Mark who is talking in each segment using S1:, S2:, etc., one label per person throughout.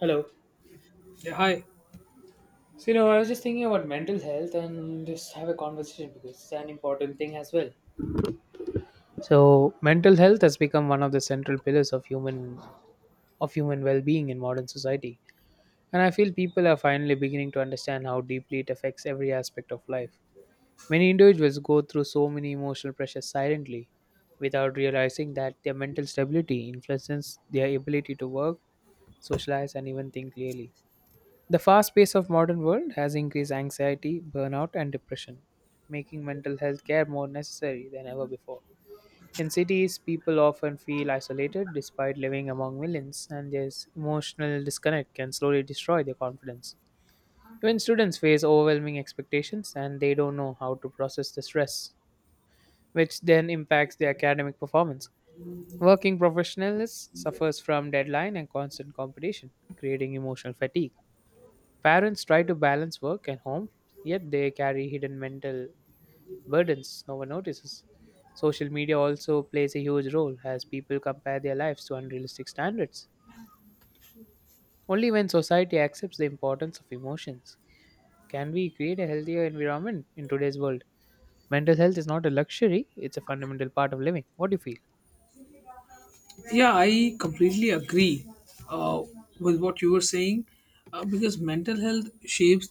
S1: Hello.
S2: Yeah, I
S1: So, you know, I was just thinking about mental health and just have a conversation because it's an important thing as well. So, mental health has become one of the central pillars of human well-being in modern society, and I feel people are finally beginning to understand how deeply it affects every aspect of life. Many individuals go through so many emotional pressures silently without realizing that their mental stability influences their ability to work, socialize, and even think clearly. The fast pace of modern world has increased anxiety, burnout and depression, making mental health care more necessary than ever before. In cities, people often feel isolated despite living among millions, and this emotional disconnect can slowly destroy their confidence. Even students face overwhelming expectations and they don't know how to process the stress, which then impacts their academic performance. Working professionals suffers from deadline and constant competition, creating emotional fatigue. Parents try to balance work and home, yet they carry hidden mental burdens no one notices. Social media also plays a huge role as people compare their lives to unrealistic standards. Only when society accepts the importance of emotions can we create a healthier environment in today's world. Mental health is not a luxury, it's a fundamental part of living. What do you feel?
S2: yeah, I completely agree uh, with what you were saying because mental health shapes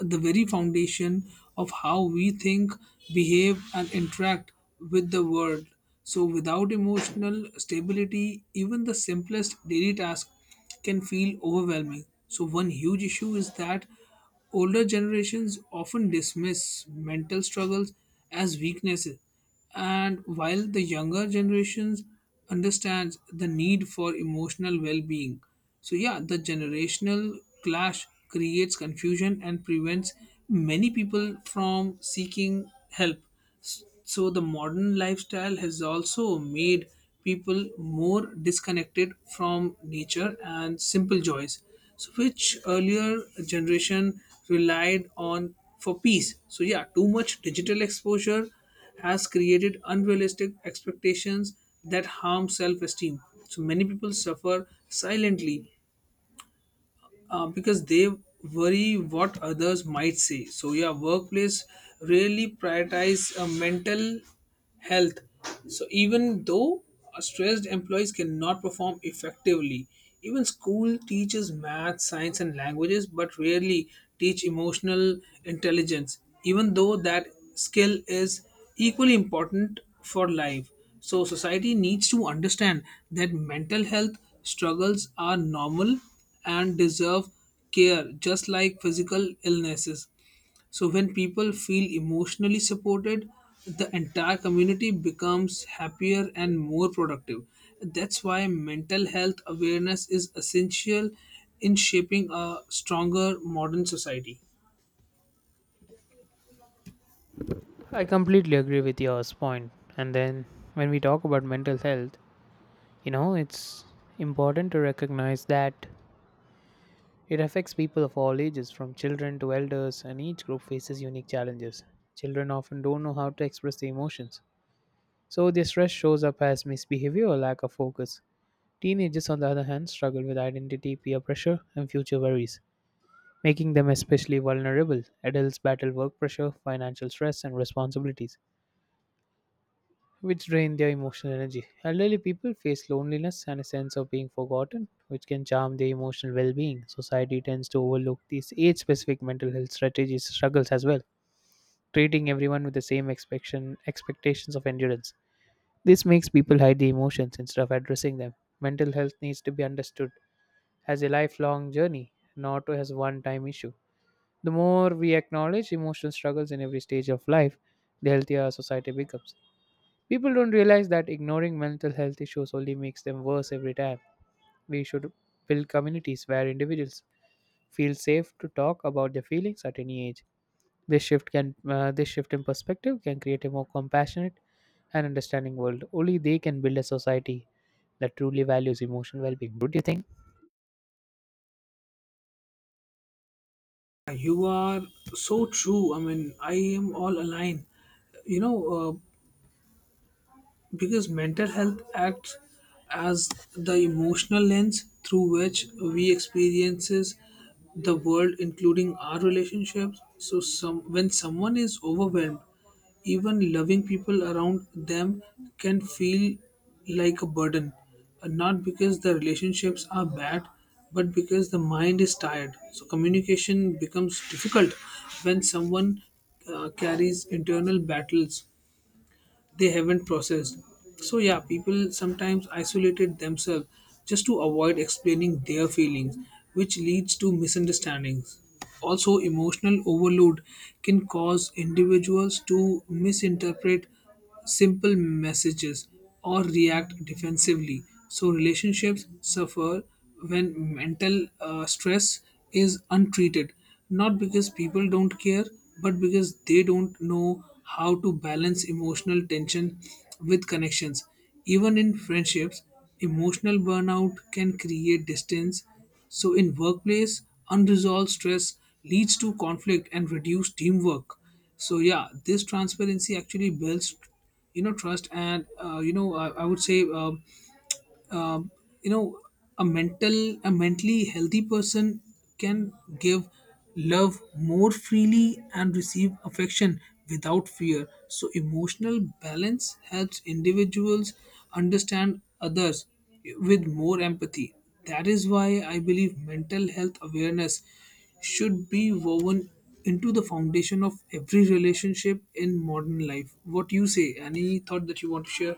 S2: the very foundation of how we think, behave, and interact with the world. So, without emotional stability, even the simplest daily task can feel overwhelming. So, one huge issue is that older generations often dismiss mental struggles as weaknesses. And while the younger generations understands the need for emotional well-being, so yeah, the generational clash creates confusion and prevents many people from seeking help. So the modern lifestyle has also made people more disconnected from nature and simple joys. So which earlier generation relied on for peace. So yeah, too much digital exposure has created unrealistic expectations that harm self esteem. So many people suffer silently because they worry what others might say. So yeah, workplace really prioritize mental health. So even though stressed employees cannot perform effectively, even school teaches math, science, and languages, but rarely teach emotional intelligence. Even though that skill is equally important for life. So society needs to understand that mental health struggles are normal and deserve care just like physical illnesses. So, when people feel emotionally supported, the entire community becomes happier and more productive. That's why mental health awareness is essential in shaping a stronger modern society.
S1: I completely agree with your point. And then when we talk about mental health, you know, it's important to recognize that it affects people of all ages, from children to elders, and each group faces unique challenges. Children often don't know how to express their emotions, so their stress shows up as misbehavior or lack of focus. Teenagers, on the other hand, struggle with identity, peer pressure, and future worries, making them especially vulnerable. Adults battle work pressure, financial stress, and responsibilities, which drain their emotional energy. Elderly people face loneliness and a sense of being forgotten, which can harm their emotional well being. Society tends to overlook these age specific mental health strategies struggles as well, treating everyone with the same expectation, expectations of endurance. This makes people hide their emotions instead of addressing them. Mental health needs to be understood as a lifelong journey, not as a one time issue. The more we acknowledge emotional struggles in every stage of life, the healthier our society becomes. People don't realize that ignoring mental health issues only makes them worse every time. We should build communities where individuals feel safe to talk about their feelings at any age. This shift in perspective can create a more compassionate and understanding world. Only they can build a society that truly values emotional well-being. Don't you think?
S2: You are so true. I mean, I am all aligned. You know, uh, because mental health acts as the emotional lens through which we experiences the world, including our relationships. So some when someone is overwhelmed, even loving people around them can feel like a burden, not because the relationships are bad but because the mind is tired. So communication becomes difficult when someone carries internal battles they haven't processed. So, yeah, people sometimes isolated themselves just to avoid explaining their feelings, which leads to misunderstandings. Also, emotional overload can cause individuals to misinterpret simple messages or react defensively. So, relationships suffer when mental stress is untreated, not because people don't care but because they don't know how to balance emotional tension with connections. Even in friendships, emotional burnout can create distance. So in workplace, unresolved stress leads to conflict and reduced teamwork. So yeah, this transparency actually builds, you know, trust. And I would say um, you know, a mental a mentally healthy person can give love more freely and receive affection without fear. So emotional balance helps individuals understand others with more empathy. That is why I believe mental health awareness should be woven into the foundation of every relationship in modern life. What you say? Any thought that you want to share?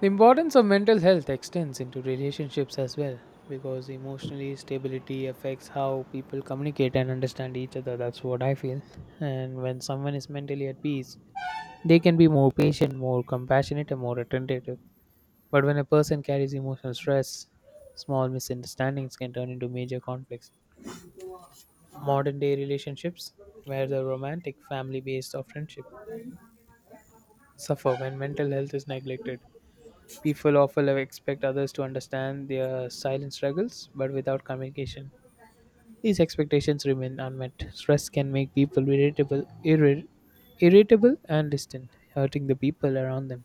S1: The importance of mental health extends into relationships as well because emotionally stability affects how people communicate and understand each other. That's what I feel. And when someone is mentally at peace, they can be more patient, more compassionate, and more attentive. But when a person carries emotional stress, small misunderstandings can turn into major conflicts. Modern day relationships, where the romantic family based or friendship, suffer when mental health is neglected. People often expect others to understand their silent struggles, but without communication, these expectations remain unmet. Stress can make people irritable, irritable and distant, hurting the people around them.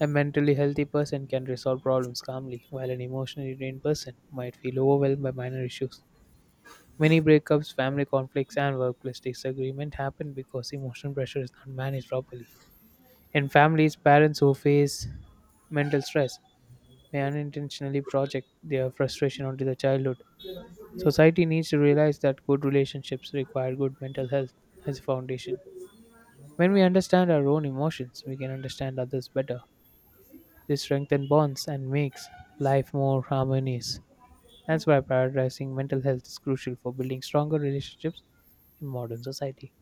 S1: A mentally healthy person can resolve problems calmly, while an emotionally drained person might feel overwhelmed by minor issues. Many breakups, family conflicts, and workplace disagreement happen because emotional pressure is not managed properly. In families, parents who face mental stress may unintentionally project their frustration onto their childhood. Society needs to realize that good relationships require good mental health as a foundation. When we understand our own emotions, we can understand others better. This strengthens bonds and makes life more harmonious. That's why prioritizing mental health is crucial for building stronger relationships in modern society.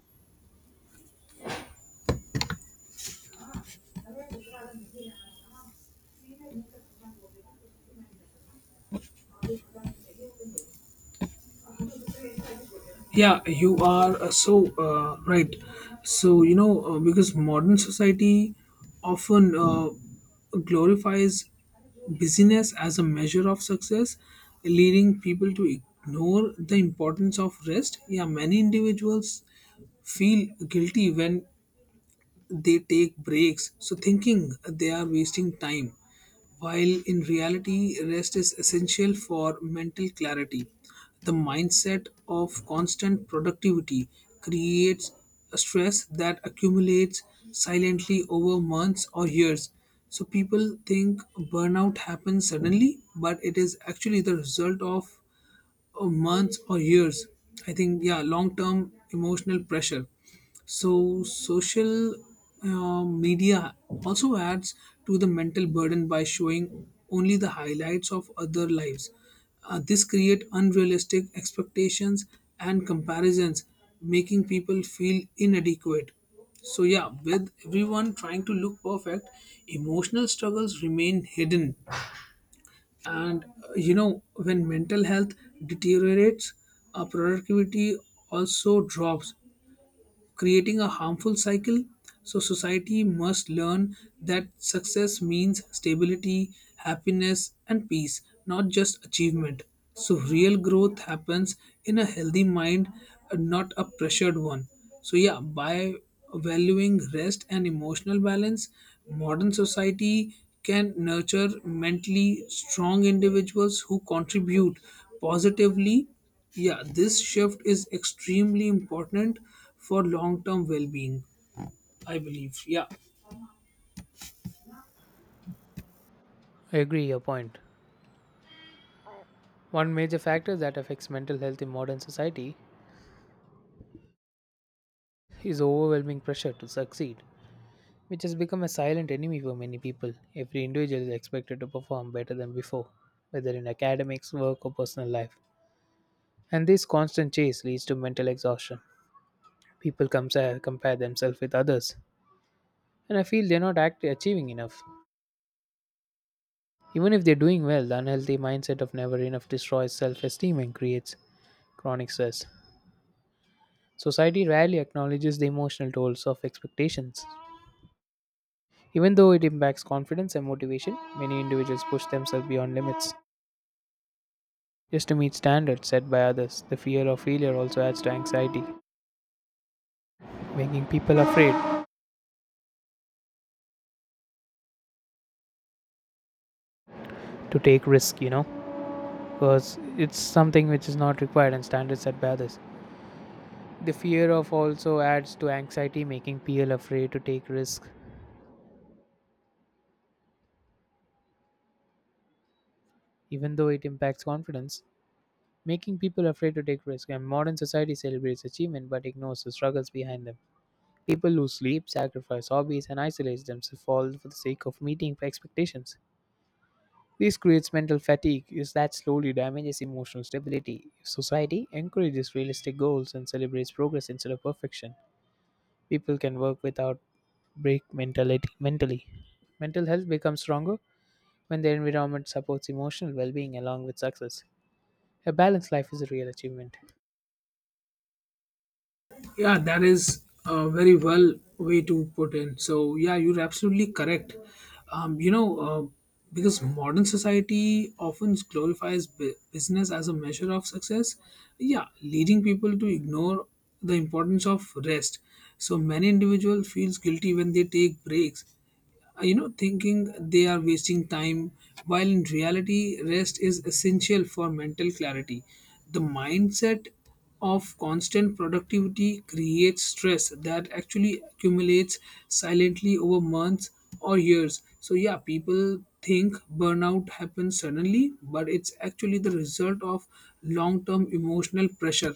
S2: Yeah, you are so right. So, because modern society often glorifies busyness as a measure of success, leading people to ignore the importance of rest. Yeah, many individuals feel guilty when they take breaks, so thinking they are wasting time. While in reality, rest is essential for mental clarity, the mindset of constant productivity creates a stress that accumulates silently over months or years. So, people think burnout happens suddenly, but it is actually the result of, months or years, I think. Yeah, long term emotional pressure. So social media also adds to the mental burden by showing only the highlights of other lives. This create unrealistic expectations and comparisons, making people feel inadequate. So yeah, with everyone trying to look perfect, emotional struggles remain hidden. And you know, when mental health deteriorates, productivity also drops, creating a harmful cycle. So, society must learn that success means stability, happiness, and peace, not just achievement. So, real growth happens in a healthy mind, and not a pressured one. So, yeah, by valuing rest and emotional balance, modern society can nurture mentally strong individuals who contribute positively. Yeah, this shift is extremely important for long term well being, I believe. Yeah,
S1: I agree your point. One major factor that affects mental health in modern society is overwhelming pressure to succeed, which has become a silent enemy for many people. Every individual is expected to perform better than before, whether in academics, work, or personal life. And this constant chase leads to mental exhaustion. Compare themselves with others, and I feel they're not act- achieving enough. Even if they're doing well, the unhealthy mindset of never enough destroys self esteem and creates chronic stress. Society rarely acknowledges the emotional tolls of expectations. Even though it impacts confidence and motivation, many individuals push themselves beyond limits just to meet standards set by others. The fear of failure also adds to anxiety, making people afraid to take risk, you know, because it's something which is not required and standards set by others. The fear of also adds to anxiety, making people afraid to take risk, even though it impacts confidence. Making people afraid to take risk, and modern society celebrates achievement but ignores the struggles behind them. People lose sleep, sacrifice hobbies, and isolate themselves all for the sake of meeting expectations. This creates mental fatigue is that slowly damages emotional stability. If society encourages realistic goals and celebrates progress instead of perfection, people can work without break mentality mentally. Mental health becomes stronger when the environment supports emotional well being along with success, a balanced life is a real achievement.
S2: yeah, that is a very well way to put in. So, yeah, you're absolutely correct. Um, you know, uh, because modern society often glorifies business as a measure of success, yeah, leading people to ignore the importance of rest. So, many individuals feels guilty when they take breaks, you know, thinking they are wasting time. While in reality, rest is essential for mental clarity. The mindset of constant productivity creates stress that actually accumulates silently over months or years. So yeah, people think burnout happens suddenly, but it's actually the result of long term emotional pressure.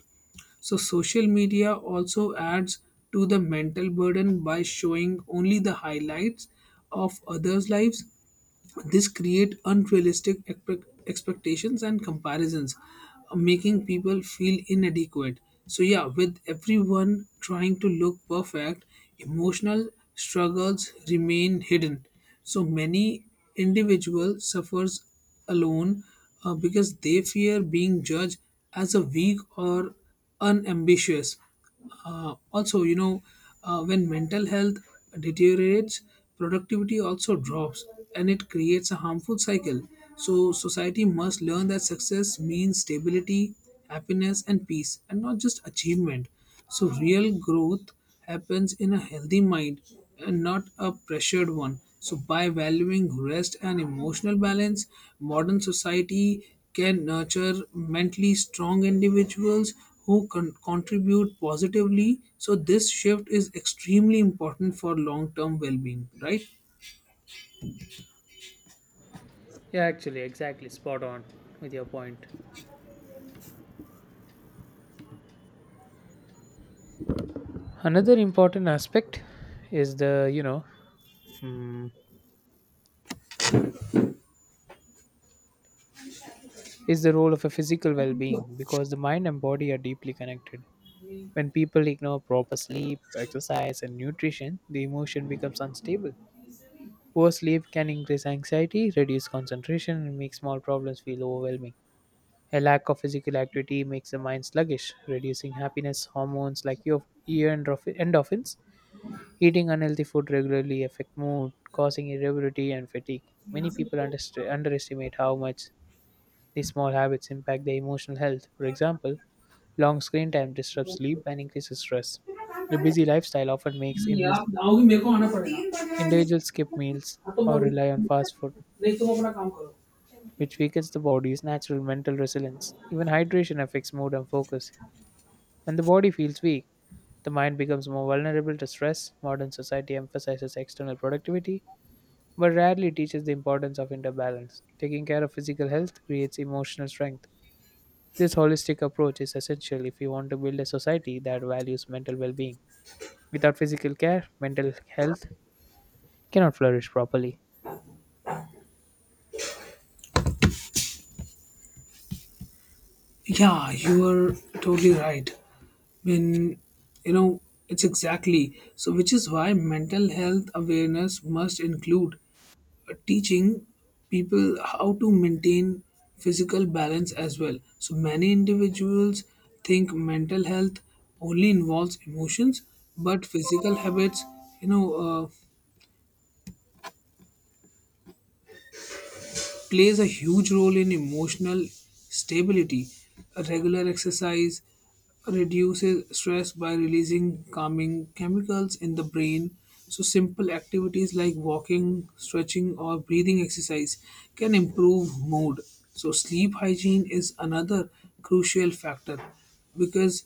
S2: So social media also adds to the mental burden by showing only the highlights of others' lives. This create unrealistic expectations and comparisons, making people feel inadequate. So yeah, with everyone trying to look perfect, emotional struggles remain hidden. So many individual suffers alone, because they fear being judged as a weak or unambitious. Also, you know, when mental health deteriorates, productivity also drops and it creates a harmful cycle. So, society must learn that success means stability, happiness, and peace, and not just achievement. So, real growth happens in a healthy mind and not a pressured one. So, by valuing rest and emotional balance, modern society can nurture mentally strong individuals who contribute positively. So, this shift is extremely important for long term well being, right?
S1: Yeah, actually, exactly. Spot on with your point. Another important aspect is the, you know, mm, is the role of a physical well being because the mind and body are deeply connected. When people ignore proper sleep, exercise, and nutrition, the emotion becomes unstable. Poor sleep can increase anxiety, reduce concentration, and make small problems feel overwhelming. A lack of physical activity makes the mind sluggish, reducing happiness hormones like endorphins. Eating unhealthy food regularly affect mood, causing irritability and fatigue. Many
S2: यहाँ से
S1: people
S2: निकलो,
S1: underestimate how much these small habits impact their emotional health. For example, long screen time
S2: निकलो,
S1: disrupts sleep
S2: निकलो।
S1: and increases stress. A busy lifestyle often makes
S2: नहीं यार, आओगी मेरे को आना पड़ेगा।
S1: individuals skip meals
S2: हाँ, तो मैं
S1: or rely on fast food,
S2: नहीं, तुम अपना काम करो।
S1: which weakens the body's natural mental resilience. Even hydration affects mood and focus. When the body feels weak, the mind becomes more vulnerable to stress. Modern society emphasizes external productivity, but rarely teaches the importance of inner balance. Taking care of physical health creates emotional strength. This holistic approach is essential if you want to build a society that values mental well being. Without physical care, mental health cannot flourish properly.
S2: Yeah, you are totally right. When, you know, it's exactly so, which is why mental health awareness must include teaching people how to maintain physical balance as well. So, many individuals think mental health only involves emotions, but physical habits, you know, uh, plays a huge role in emotional stability. A regular exercise reduces stress by releasing calming chemicals in the brain. So, simple activities like walking, stretching, or breathing exercise can improve mood. So, sleep hygiene is another crucial factor because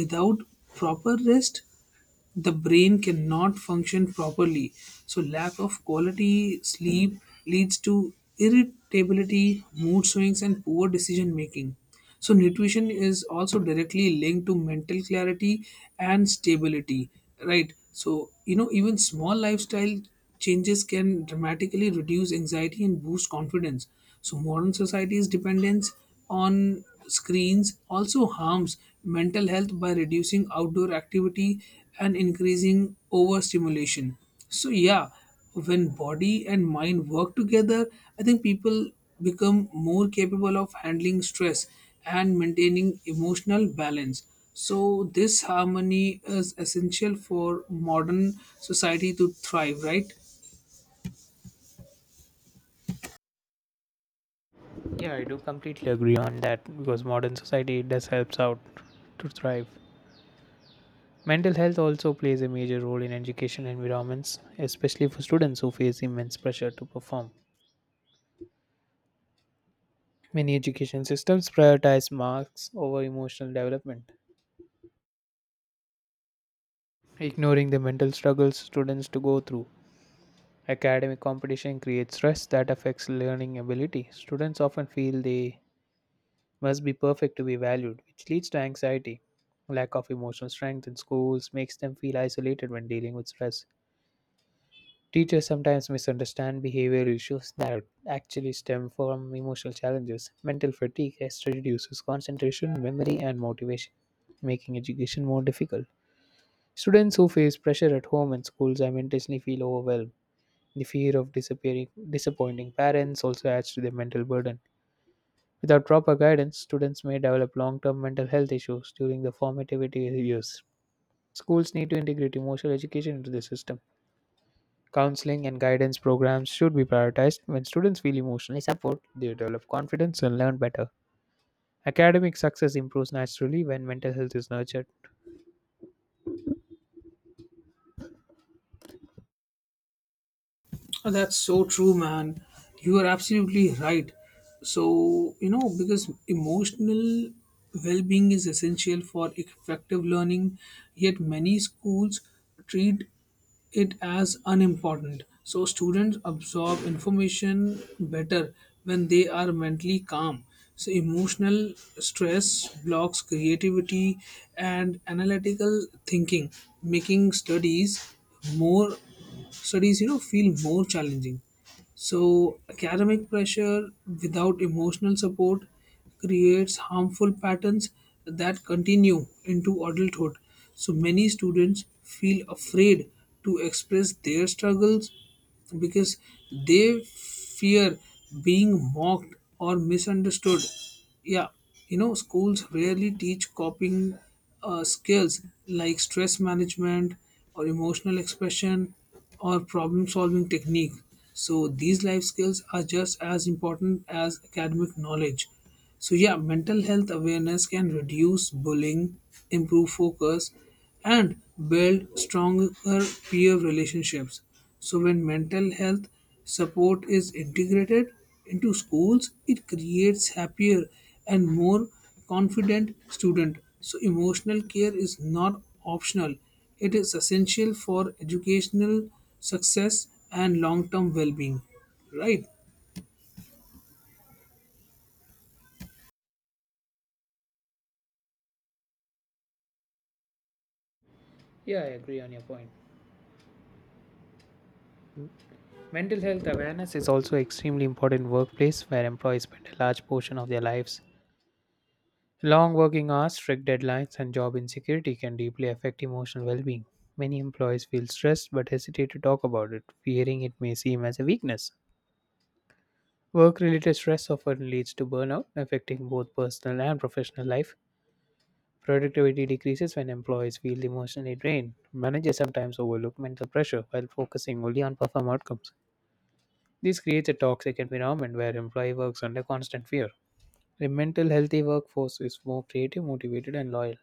S2: without proper rest, the brain cannot function properly. So, lack of quality sleep leads to irritability, mood swings, and poor decision making. So, nutrition is also directly linked to mental clarity and stability, right? So, you know, even small lifestyle changes can dramatically reduce anxiety and boost confidence. So, modern society's dependence on screens also harms mental health by reducing outdoor activity and increasing overstimulation. So yeah, when body and mind work together, I think people become more capable of handling stress and maintaining emotional balance. So this harmony is essential for modern society to thrive, right?
S1: Yeah, I do completely agree on that because modern society does helps out to thrive. Mental health also plays a major role in education environments, especially for students who face immense pressure to perform. Many education systems prioritize marks over emotional development, ignoring the mental struggles students to go through. Academic competition creates stress that affects learning ability. Students often feel they must be perfect to be valued, which leads to anxiety. Lack of emotional strength in schools makes them feel isolated when dealing with stress. Teachers sometimes misunderstand behavior issues that actually stem from emotional challenges. Mental fatigue reduces concentration, memory, and motivation, making education more difficult. Students who face pressure at home and schools are intentionally feel overwhelmed. The fear of disappearing, disappointing parents also adds to their mental burden. Without proper guidance, students may develop long-term mental health issues during the formative years. Schools need to integrate emotional education into the system. Counseling and guidance programs should be prioritized. When students feel emotionally supported, they develop confidence and learn better. Academic success improves naturally when mental health is nurtured.
S2: Oh, that's so true, man. You are absolutely right. So, you know, because emotional well being is essential for effective learning, yet many schools treat it as unimportant. So, students absorb information better when they are mentally calm. So, emotional stress blocks creativity and analytical thinking, making more studies you know feel more challenging. So academic pressure without emotional support creates harmful patterns that continue into adulthood. So many students feel afraid to express their struggles because they fear being mocked or misunderstood. Yeah, you know, schools rarely teach coping skills like stress management or emotional expression or problem solving technique. So, these life skills are just as important as academic knowledge. So yeah, mental health awareness can reduce bullying, improve focus, and build stronger peer relationships. So when mental health support is integrated into schools, it creates happier and more confident student. So emotional care is not optional. It is essential for educational success and long-term well-being. Right?
S1: Yeah, I agree on your point. Mental health awareness is also extremely important in workplace where employees spend a large portion of their lives. Long working hours, strict deadlines, and job insecurity can deeply affect emotional well-being. Many employees feel stressed but hesitate to talk about it, fearing it may seem as a weakness. Work related stress often leads to burnout, affecting both personal and professional life. Productivity decreases when employees feel emotionally drained. Managers sometimes overlook mental pressure while focusing only on perform outcomes. This creates a toxic environment where employee works under constant fear. A mental healthy workforce is more creative, motivated, and loyal.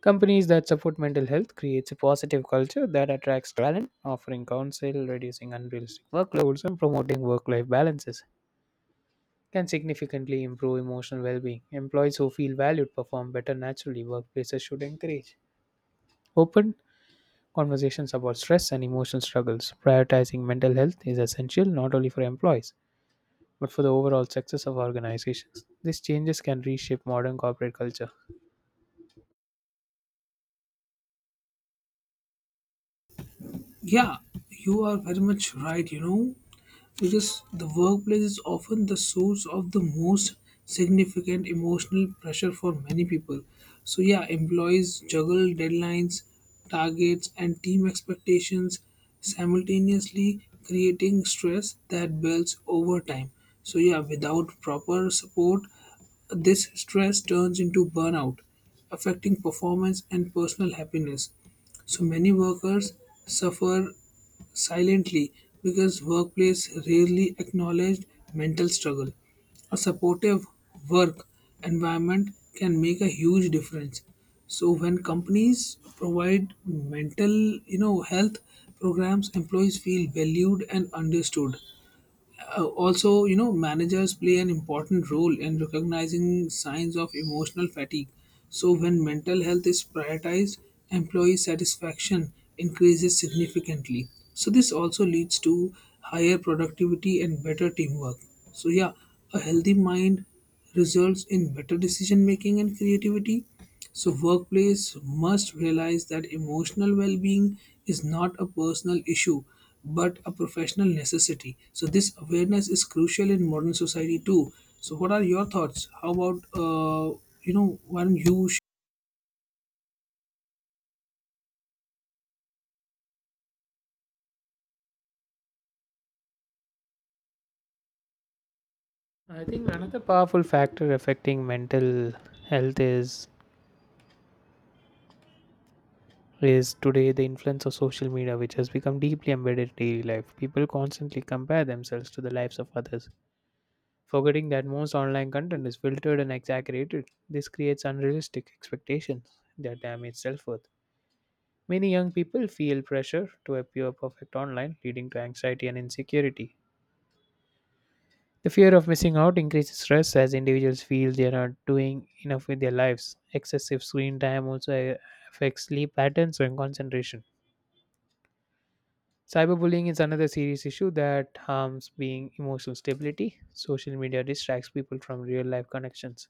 S1: Companies that support mental health creates a positive culture that attracts talent, offering counsel, reducing unrealistic workloads, and promoting work-life balances, can significantly improve emotional well-being. Employees who feel valued perform better naturally. Workplaces should encourage open conversations about stress and emotional struggles. Prioritizing mental health is essential not only for employees but for the overall success of organizations. These changes can reshape modern corporate culture.
S2: Yeah, you are very much right, you know, because the workplace is often the source of the most significant emotional pressure for many people. So, yeah, employees juggle deadlines, targets, and team expectations simultaneously, creating stress that builds over time. So, yeah, without proper support, this stress turns into burnout, affecting performance and personal happiness. So many workers suffer silently because workplace rarely acknowledged mental struggle. A supportive work environment can make a huge difference. So when companies provide mental, you know, health programs, employees feel valued and understood. Also, you know, managers play an important role in recognizing signs of emotional fatigue. So, when mental health is prioritized, employee satisfaction increases significantly. So, this also leads to higher productivity and better teamwork. So, yeah, a healthy mind results in better decision making and creativity, so, workplace must realize that emotional well being is not a personal issue but a professional necessity. So, this awareness is crucial in modern society too. So, what are your thoughts? How about, you know, why don't you?
S1: I think another powerful factor affecting mental health is today the influence of social media which has become deeply embedded in daily life. People constantly compare themselves to the lives of others forgetting that most online content is filtered and exaggerated. This creates unrealistic expectations that damage self worth. Many young people feel pressure to appear perfect online, leading to anxiety and insecurity. The fear of missing out increases stress as individuals feel they are not doing enough with their lives. Excessive screen time also affects sleep patterns and concentration. Cyberbullying is another serious issue that harms being emotional stability. Social media distracts people from real life connections,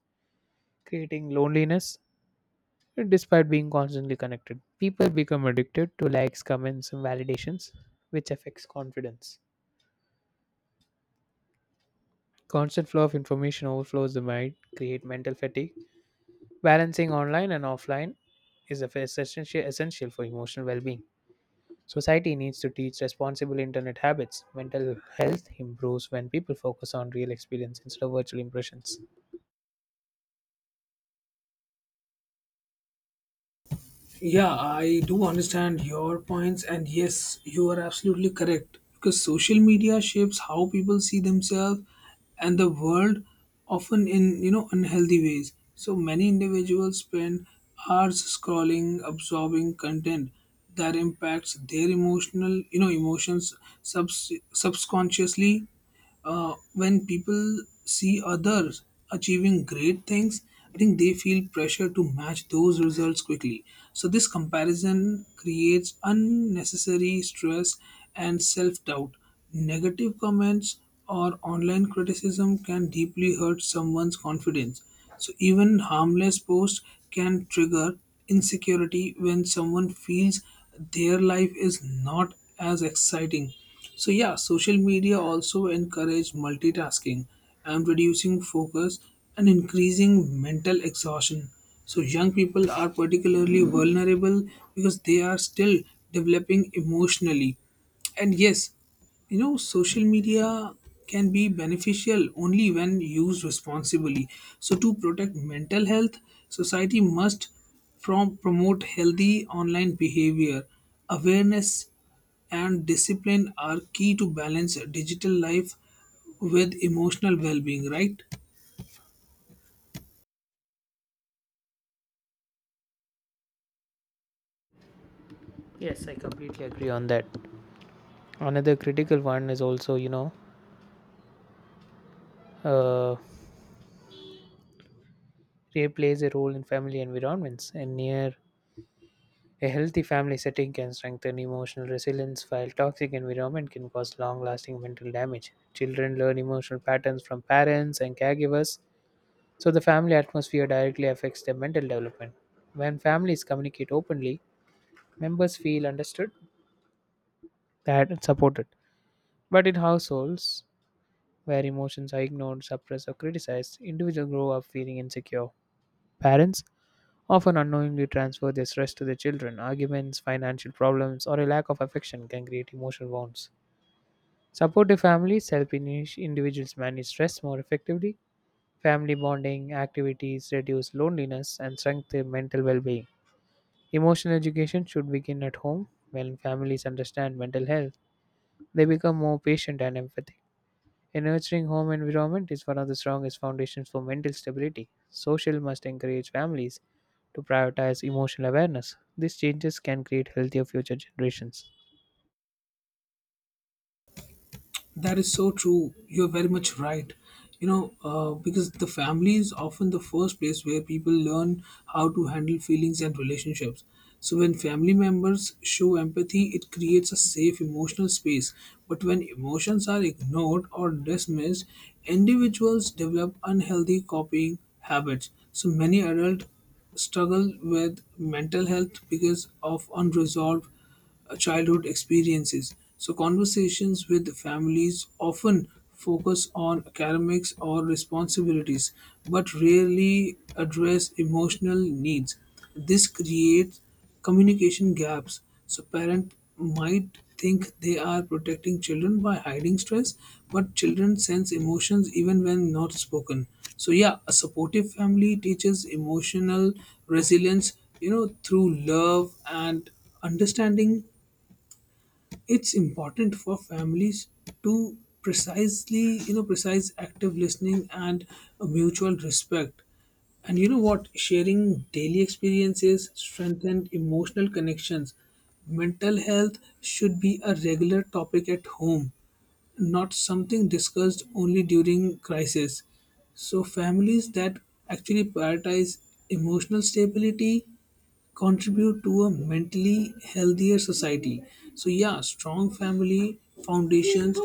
S1: creating loneliness. Despite being constantly connected, people become addicted to likes, comments, and validations, which affects confidence. Constant flow of information overflows the mind, create mental fatigue. Balancing online and offline is essential for emotional well-being. Society needs to teach responsible internet habits. Mental health improves when people focus on real experience instead of virtual impressions.
S2: Yeah, I do understand your points, and yes, you are absolutely correct because social media shapes how people see themselves and the world, often in, you know, unhealthy ways. So many individuals spend hours scrolling, absorbing content that impacts their emotional you know emotions subconsciously. When people see others achieving great things, I think they feel pressure to match those results quickly. So, this comparison creates unnecessary stress and self doubt. Negative comments or online criticism can deeply hurt someone's confidence. So, even harmless posts can trigger insecurity when someone feels their life is not as exciting. So yeah, social media also encourage multitasking and reducing focus and increasing mental exhaustion. So young people are particularly vulnerable because they are still developing emotionally. And yes, you know, social media can be beneficial only when used responsibly. So to protect mental health, society must from promote healthy online behavior. Awareness and discipline are key to balance digital life with emotional well being, right?
S1: Yes, I completely agree on that. Another critical one is also, uh, Play plays a role in family environments. And near a healthy family setting can strengthen emotional resilience, while toxic environment can cause long-lasting mental damage. Children learn emotional patterns from parents and caregivers, so the family atmosphere directly affects their mental development. When families communicate openly, members feel understood, that and supported. But in households where emotions are ignored, suppressed, or criticized, individuals grow up feeling insecure. Parents often unknowingly transfer their stress to their children. Arguments, financial problems, or a lack of affection can create emotional wounds. Supportive families help individuals manage stress more effectively. Family bonding activities reduce loneliness and strengthen mental well being. Emotional education should begin at home. When families understand mental health, they become more patient and empathetic. A nurturing home environment is one of the strongest foundations for mental stability. Social must encourage families to prioritize emotional awareness. These changes can create healthier future generations.
S2: That is so true. You're very much right. You know, because the family is often the first place where people learn how to handle feelings and relationships. So, when family members show empathy, it creates a safe emotional space. But when emotions are ignored or dismissed, individuals develop unhealthy copying habits. So, many adults struggle with mental health because of unresolved childhood experiences. So, conversations with families often focus on academics or responsibilities, but rarely address emotional needs. This creates communication gaps. So, parents might think they are protecting children by hiding stress, but children sense emotions even when not spoken. So yeah, a supportive family teaches emotional resilience, you know, through love and understanding. It's important for families to precisely, you know, precise active listening and a mutual respect. And you know what? Sharing daily experiences strengthen emotional connections. Mental health should be a regular topic at home, not something discussed only during crisis. So, families that actually prioritize emotional stability contribute to a mentally healthier society. So, yeah, strong family foundations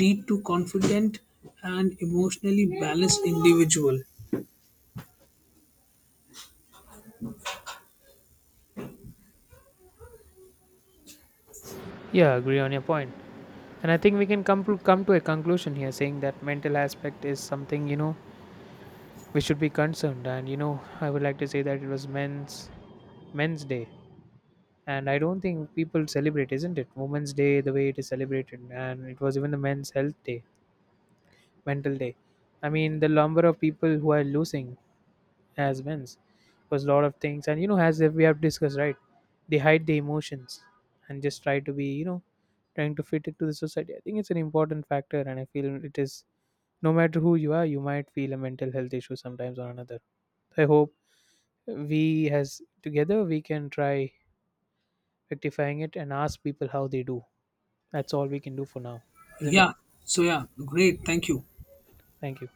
S2: lead to confident and emotionally balanced individual.
S1: Yeah, I agree on your point. And I think we can come to a conclusion here saying that mental aspect is something, you know, we should be concerned and you know, I would like to say that it was men's day. And I don't think people celebrate, isn't it? Women's Day the way it is celebrated and it was even the men's health day mental day. I mean, the number of people who are losing as wins was a lot of things, and you know, as we have discussed, right? They hide the emotions and just try to be, you know, trying to fit it to the society. I think it's an important factor, and I feel it is. No matter who you are, you might feel a mental health issue sometimes or another. I hope we as together we can try rectifying it and ask people how they do. That's all we can do for now, isn't it?
S2: Yeah, so yeah, great, thank you.
S1: Thank you.